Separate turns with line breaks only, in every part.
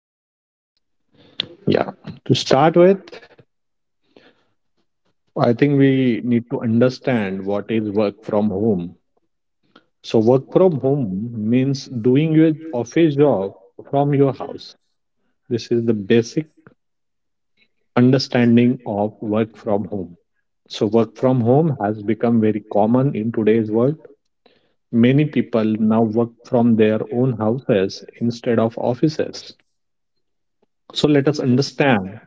thank you.
Yeah. To start with, I think we need to understand what is work from home. So work from home means doing your office job from your house. This is the basic understanding of work from home. So work from home has become very common in today's world. Many people now work from their own houses instead of offices. So let us understand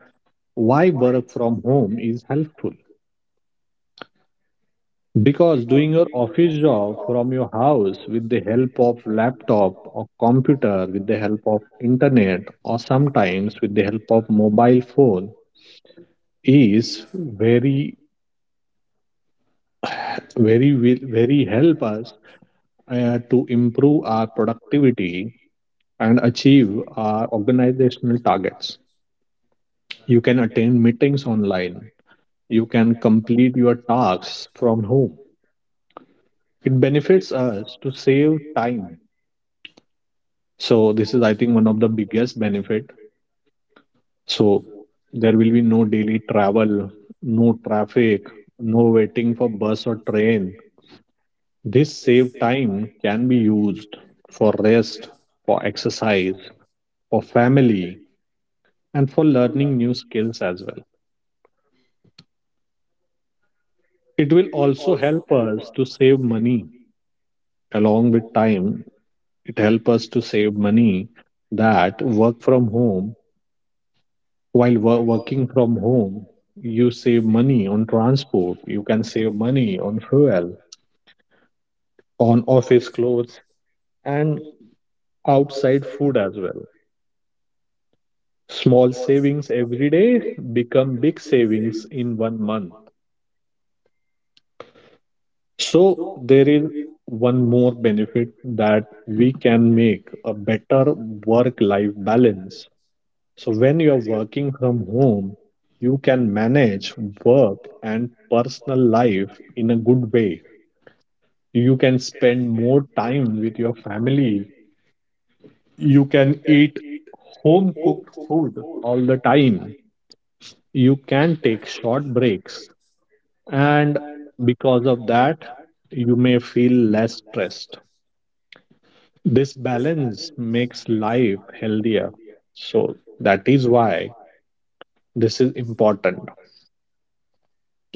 why work from home is helpful. Because doing your office job from your house with the help of laptop or computer, with the help of internet, or sometimes with the help of mobile phone is very help us to improve our productivity and achieve our organizational targets. You can attend meetings online. You can complete your tasks from home. It benefits us to save time, so this is, I think, one of the biggest benefit. So there will be no daily travel, no traffic, no waiting for bus or train. This saved time can be used for rest, for exercise, for family, and for learning new skills as well. It will also help us to save money. Along with time, it help us to save money, that work from home, working from home, you save money on transport, you can save money on fuel, on office clothes, and outside food as well. Small savings every day become big savings in one month. So there is one more benefit, that we can make a better work life balance. So when you are working from home, you can manage work and personal life in a good way. You can spend more time with your family, you can eat home cooked food all the time, you can take short breaks, and because of that you may feel less stressed. This balance makes life healthier. So that is why this is important.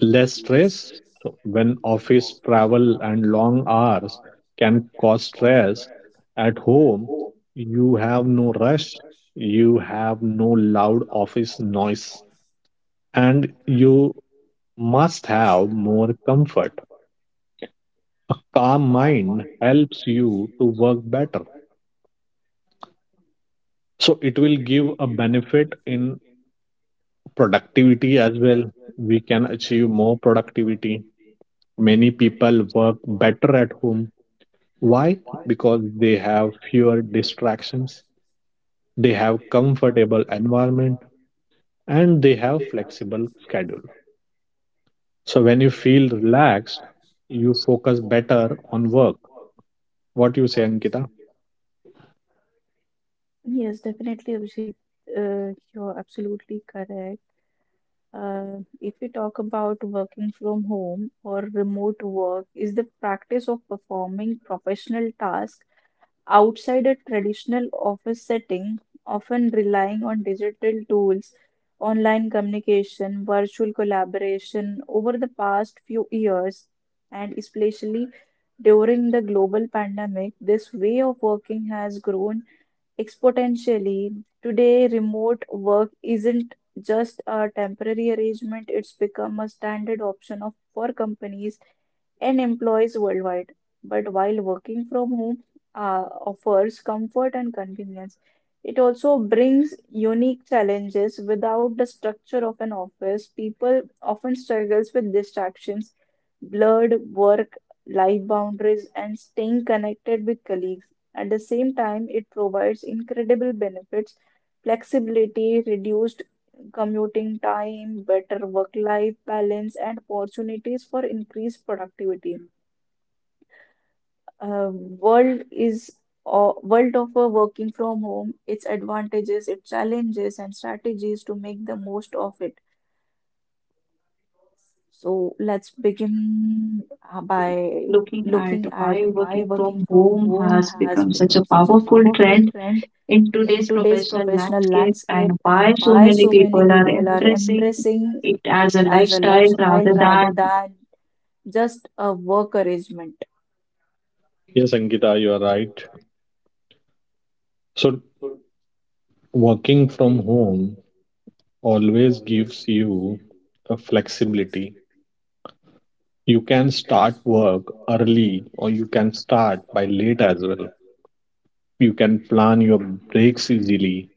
Less stress. So, when office travel and long hours can cause stress, at home you have no rush, you have no loud office noise, and you must have more comfort. A calm mind helps you to work better. So it will give a benefit in productivity as well. We can achieve more productivity. Many people work better at home. Why? Because they have fewer distractions, they have comfortable environment, and they have flexible schedule. So when you feel relaxed, you focus better on work. What you say, Ankita?
Yes, definitely, Abhijit. You're absolutely correct. If we talk about working from home or remote work, is the practice of performing professional tasks outside a traditional office setting, often relying on digital tools, online communication, virtual collaboration over the past few years, and especially during the global pandemic, this way of working has grown exponentially. Today, remote work isn't just a temporary arrangement, it's become a standard option of, for companies and employees worldwide. But while working from home offers comfort and convenience, it also brings unique challenges. Without the structure of an office, people often struggles with distractions, blurred work life boundaries, and staying connected with colleagues. At the same time, it provides incredible benefits, flexibility, reduced commuting time, better work-life balance, and opportunities for increased productivity. Uh, world is World of working from home, its advantages, its challenges, and strategies to make the most of it. So let's begin
By
by
looking at
looking at
why
why
working
working
from
from
home
home
has
has
become such a
become such a
powerful
powerful
trend
trend
in
in
today's
today's
professional
professional
landscape and
landscape
why
and
so
why
many
so many
people are
people are
embracing
embracing
it
it
as a
as a
lifestyle
lifestyle
rather
rather
than.
than just a work arrangement.
Yes, Ankita, you are right. So, working from home always gives you a flexibility. You can start work early or you can start by late as well. You can plan your breaks easily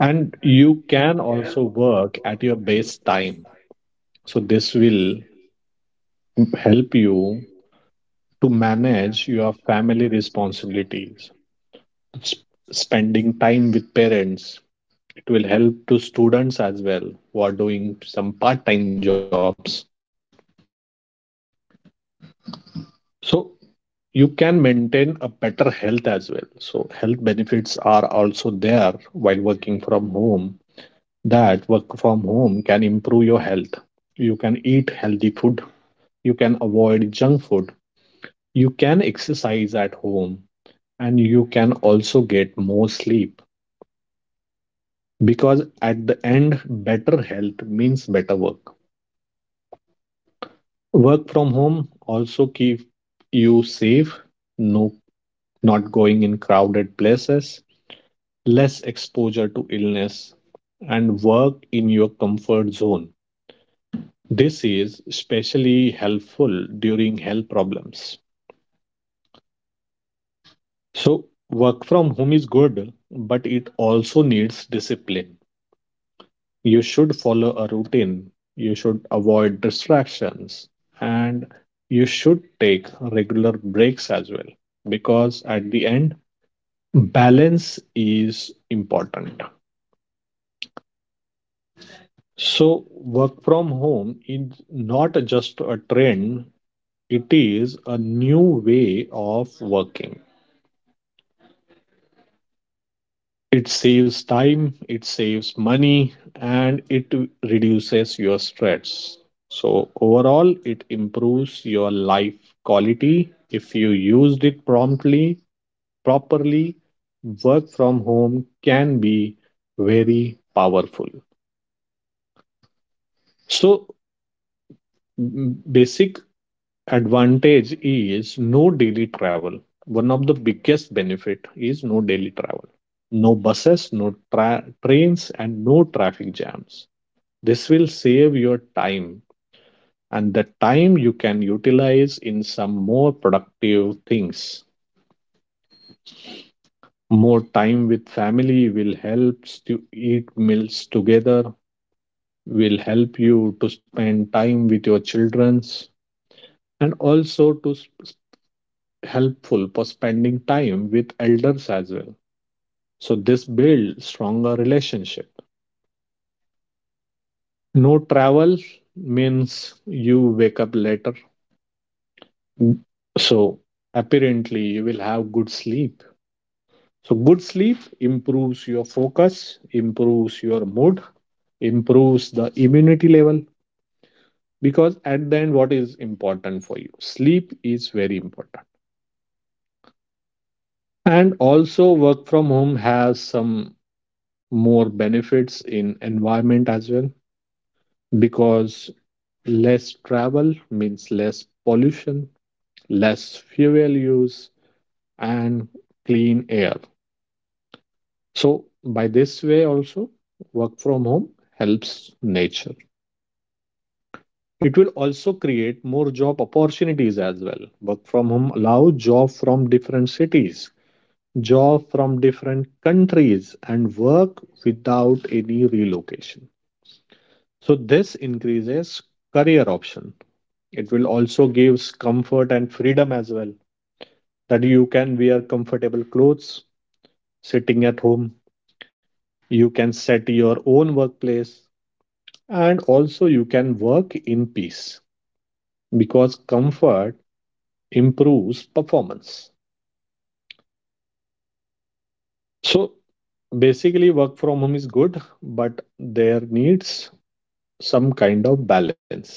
and you can also work at your base time. So, this will help you to manage your family responsibilities, s- spending time with parents. It will help to students as well who are doing some part-time jobs. So you can maintain a better health as well. So health benefits are also there while working from home, that work from home can improve your health. You can eat healthy food, you can avoid junk food, you can exercise at home, and you can also get more sleep, because at the end better health means better work. Work from home also keep you safe. No, not going in crowded places, less exposure to illness, and work in your comfort zone. This is especially helpful during health problems. So work from home is good, but it also needs discipline. You should follow a routine, you should avoid distractions, and you should take regular breaks as well, because at the end, balance is important. So, work from home is not just a trend, it is a new way of working. It saves time, it saves money, and it reduces your stress. So, overall, it improves your life quality if you used it promptly, properly. Work from home can be very powerful. So, basic advantage is no daily travel. One of the biggest benefit is no daily travel. No buses, trains, and no traffic jams. This will save your time, and the time you can utilize in some more productive things. More time with family will help to eat meals together, will help you to spend time with your childrens, and also helpful for spending time with elders as well. So this builds stronger relationship. No travel means you wake up later. So apparently you will have good sleep. So, good sleep improves your focus, improves your mood, improves the immunity level. Because at the end, what is important for you? Sleep is very important. And also, work from home has some more benefits in environment as well. Because less travel means less pollution, less fuel use, and clean air. So, by this way, also, work from home helps nature. It will also create more job opportunities as well. Work from home allow job from different cities, job from different countries, and work without any relocation. So this increases career option. It will also gives comfort and freedom as well. That you can wear comfortable clothes sitting at home. You can set your own workplace and also you can work in peace, because comfort improves performance. So basically, work from home is good, but there needs some kind of balance,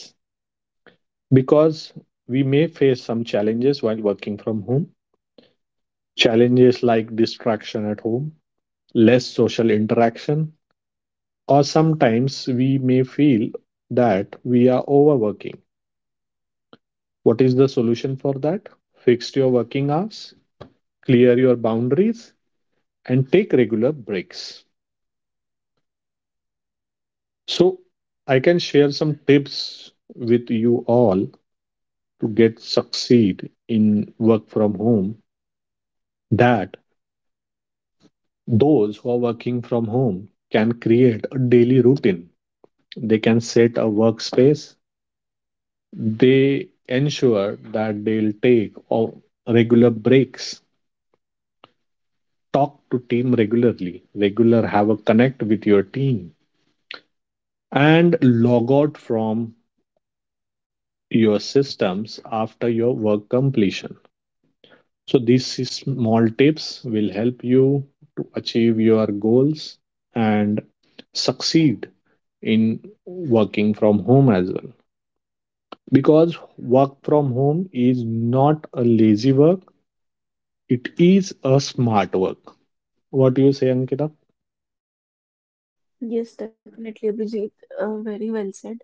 because we may face some challenges while working from home. Challenges like distraction at home, less social interaction, or sometimes we may feel that we are overworking. What is the solution for that? Fix your working hours, clear your boundaries, and take regular breaks. So, I can share some tips with you all to get succeed in work from home, that those who are working from home can create a daily routine, they can set a workspace, they ensure that they'll take regular breaks, talk to team regularly regular have a connect with your team, and log out from your systems after your work completion. So these small tips will help you to achieve your goals and succeed in working from home as well. Because work from home is not a lazy work, it is a smart work. What do you say, Ankita?
Yes, definitely, Abhijit. Very well said.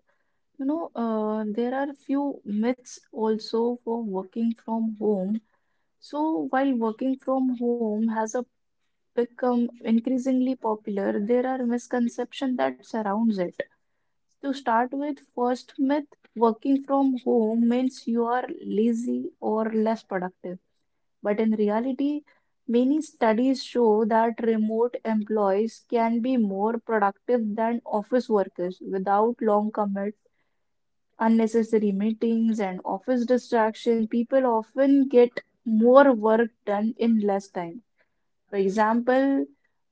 You know, there are few myths also for working from home. So, while working from home has a become increasingly popular, there are misconceptions that surrounds it. To start with, first myth working from home means you are lazy or less productive. But in reality, many studies show that remote employees can be more productive than office workers without long commutes, unnecessary meetings, and office distraction. People often get more work done in less time. For example,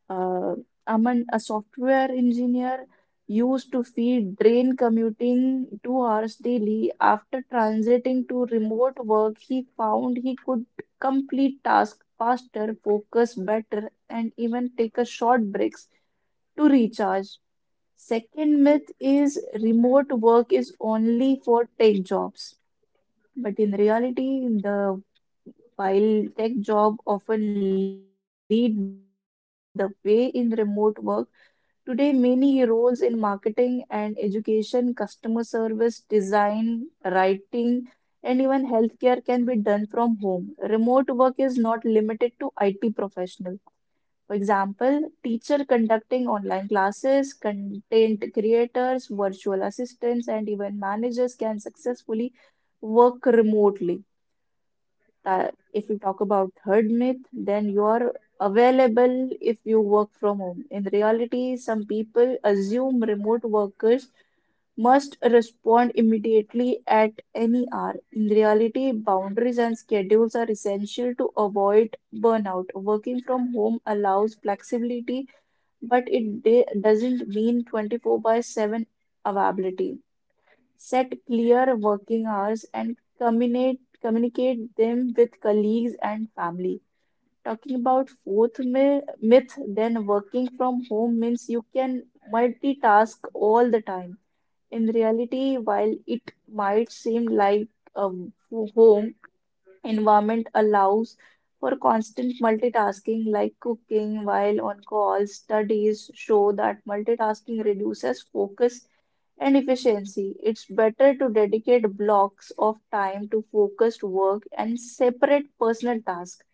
uh, Aman, a software engineer used to feed train commuting 2 hours daily. After transiting to remote work, he found he could complete tasks faster, focus better, and even take a short breaks to recharge. Second myth is remote work is only for tech jobs. But in reality, the while tech job often lead the way in remote work, today, many roles in marketing and education, customer service, design, writing, and even healthcare can be done from home. Remote work is not limited to IT professionals. For example, teacher conducting online classes, content creators, virtual assistants, and even managers can successfully work remotely that if you talk about third myth, then you are available if you work from home. In reality, some people assume remote workers must respond immediately at any hour. In reality, boundaries and schedules are essential to avoid burnout. Working from home allows flexibility, but doesn't mean 24/7 availability. Set clear working hours and communicate them with colleagues and family. Talking about myth, then working from home means you can multitask all the time. In reality, while it might seem like a home environment allows for constant multitasking like cooking while on call, studies show that multitasking reduces focus and efficiency. It's better to dedicate blocks of time to focused work and separate personal tasks.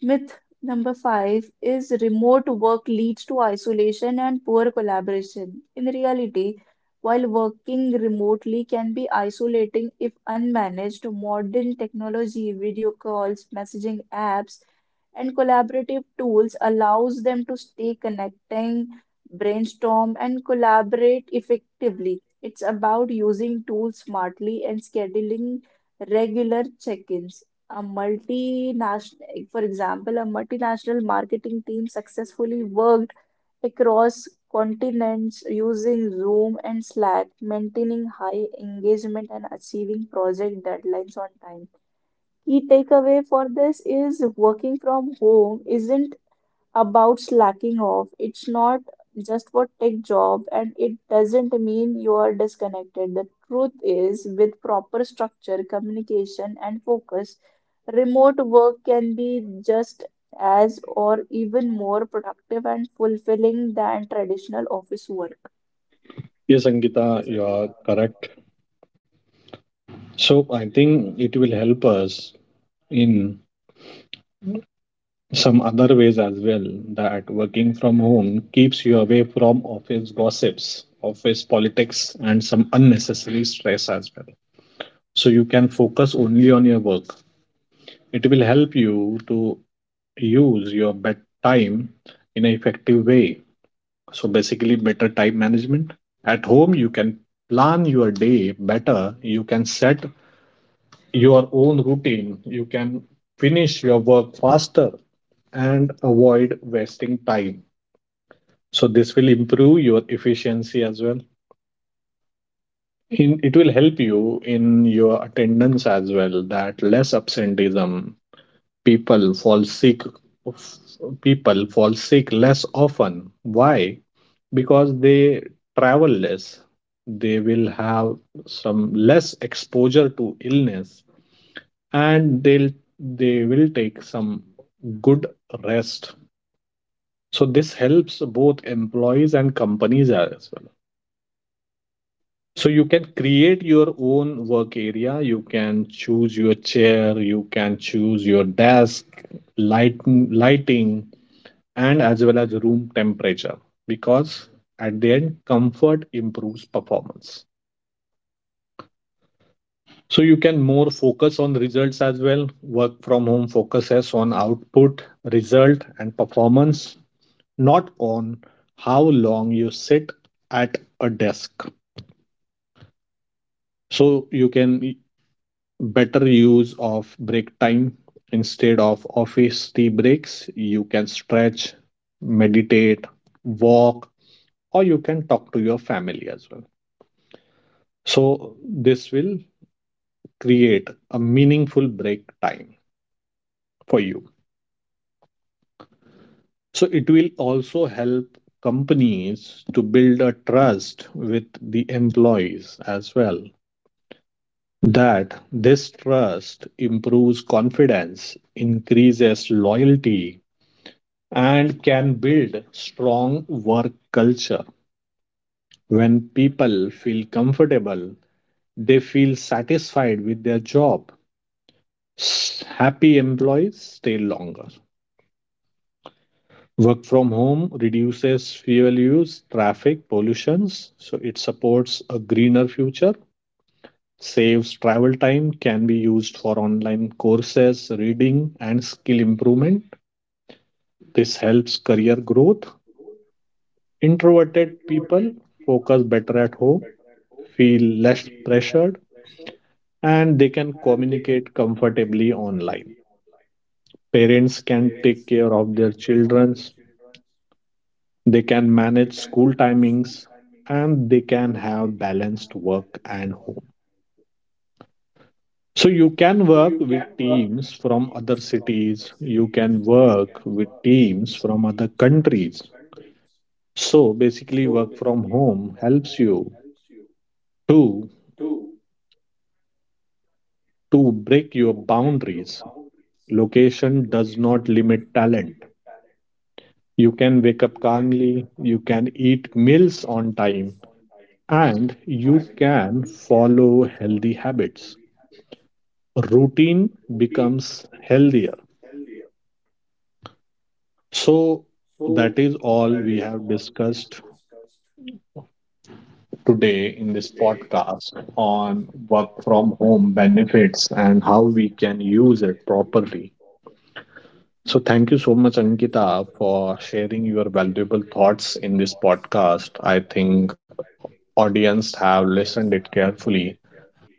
Myth number 5 is remote work leads to isolation and poor collaboration. In reality, while working remotely can be isolating if unmanaged, modern technology, video calls, messaging apps, and collaborative tools allows them to stay connecting, brainstorm, and collaborate effectively. It's about using tools smartly and scheduling regular check-ins. A multinational, like, for example, a multinational marketing team successfully worked across continents using Zoom and Slack, maintaining high engagement and achieving project deadlines on time. Key takeaway for this is working from home isn't about slacking off. It's not just for tech job and it doesn't mean you are disconnected. The truth is, with proper structure, communication and focus, remote work can be just as or even more productive and fulfilling than traditional office work.
Yes, Ankita, you are correct. So I think it will help us in some other ways as well, that working from home keeps you away from office gossips, office politics, and some unnecessary stress as well. So you can focus only on your work. It will help you to use your bed time in an effective way. So basically, better time management. At home, you can plan your day better, you can set your own routine, you can finish your work faster and avoid wasting time. So this will improve your efficiency as well. In it will help you in your attendance as well, that less absenteeism. people fall sick People fall sick less often. Why? Because they travel less, they will have some less exposure to illness, and they will take some good rest. So this helps both employees and companies as well. So you can create your own work area. You can choose your chair. You can choose your desk, lighting, and as well as room temperature. Because at the end, comfort improves performance. So you can more focus on results as well. Work from home focuses on output, result, and performance, not on how long you sit at a desk. So you can better use of break time. Instead of office tea breaks, you can stretch, meditate, walk, or you can talk to your family as well. So this will create a meaningful break time for you. So it will also help companies to build a trust with the employees as well, that this trust improves confidence, increases loyalty, and can build strong work culture. When people feel comfortable, they feel satisfied with their job. Happy employees stay longer. Work from home reduces fuel use, traffic, pollutions, so it supports a greener future. Saves travel time, can be used for online courses, reading, and skill improvement. This helps career growth. Introverted people focus better at home, feel less pressured, and they can communicate comfortably online. Parents can take care of their children's, they can manage school timings, and they can have balanced work and home. So you can work with teams from other cities, you can work with teams from other countries. So basically work from home helps you to to break your boundaries. Location does not limit talent. You can wake up calmly, you can eat meals on time, and you can follow healthy habits. Routine becomes healthier. So, that is all we have discussed today in this podcast on work from home benefits and how we can use it properly. So, thank you so much, Ankita, for sharing your valuable thoughts in this podcast. I think audience have listened it carefully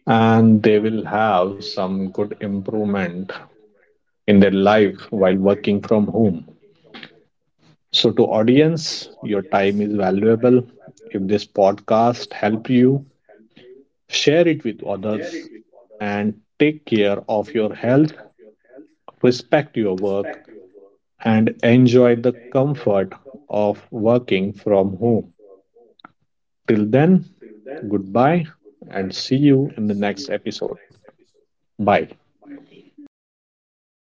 and they will have some good improvement in their life while working from home. So to audience, your time is valuable. If this podcast helped you, share it with others, and take care of your health, respect your work, and enjoy the comfort of working from home. Till then, goodbye and see you in the next episode. Bye. Thank
Right.
you.
Thank you, Bijay.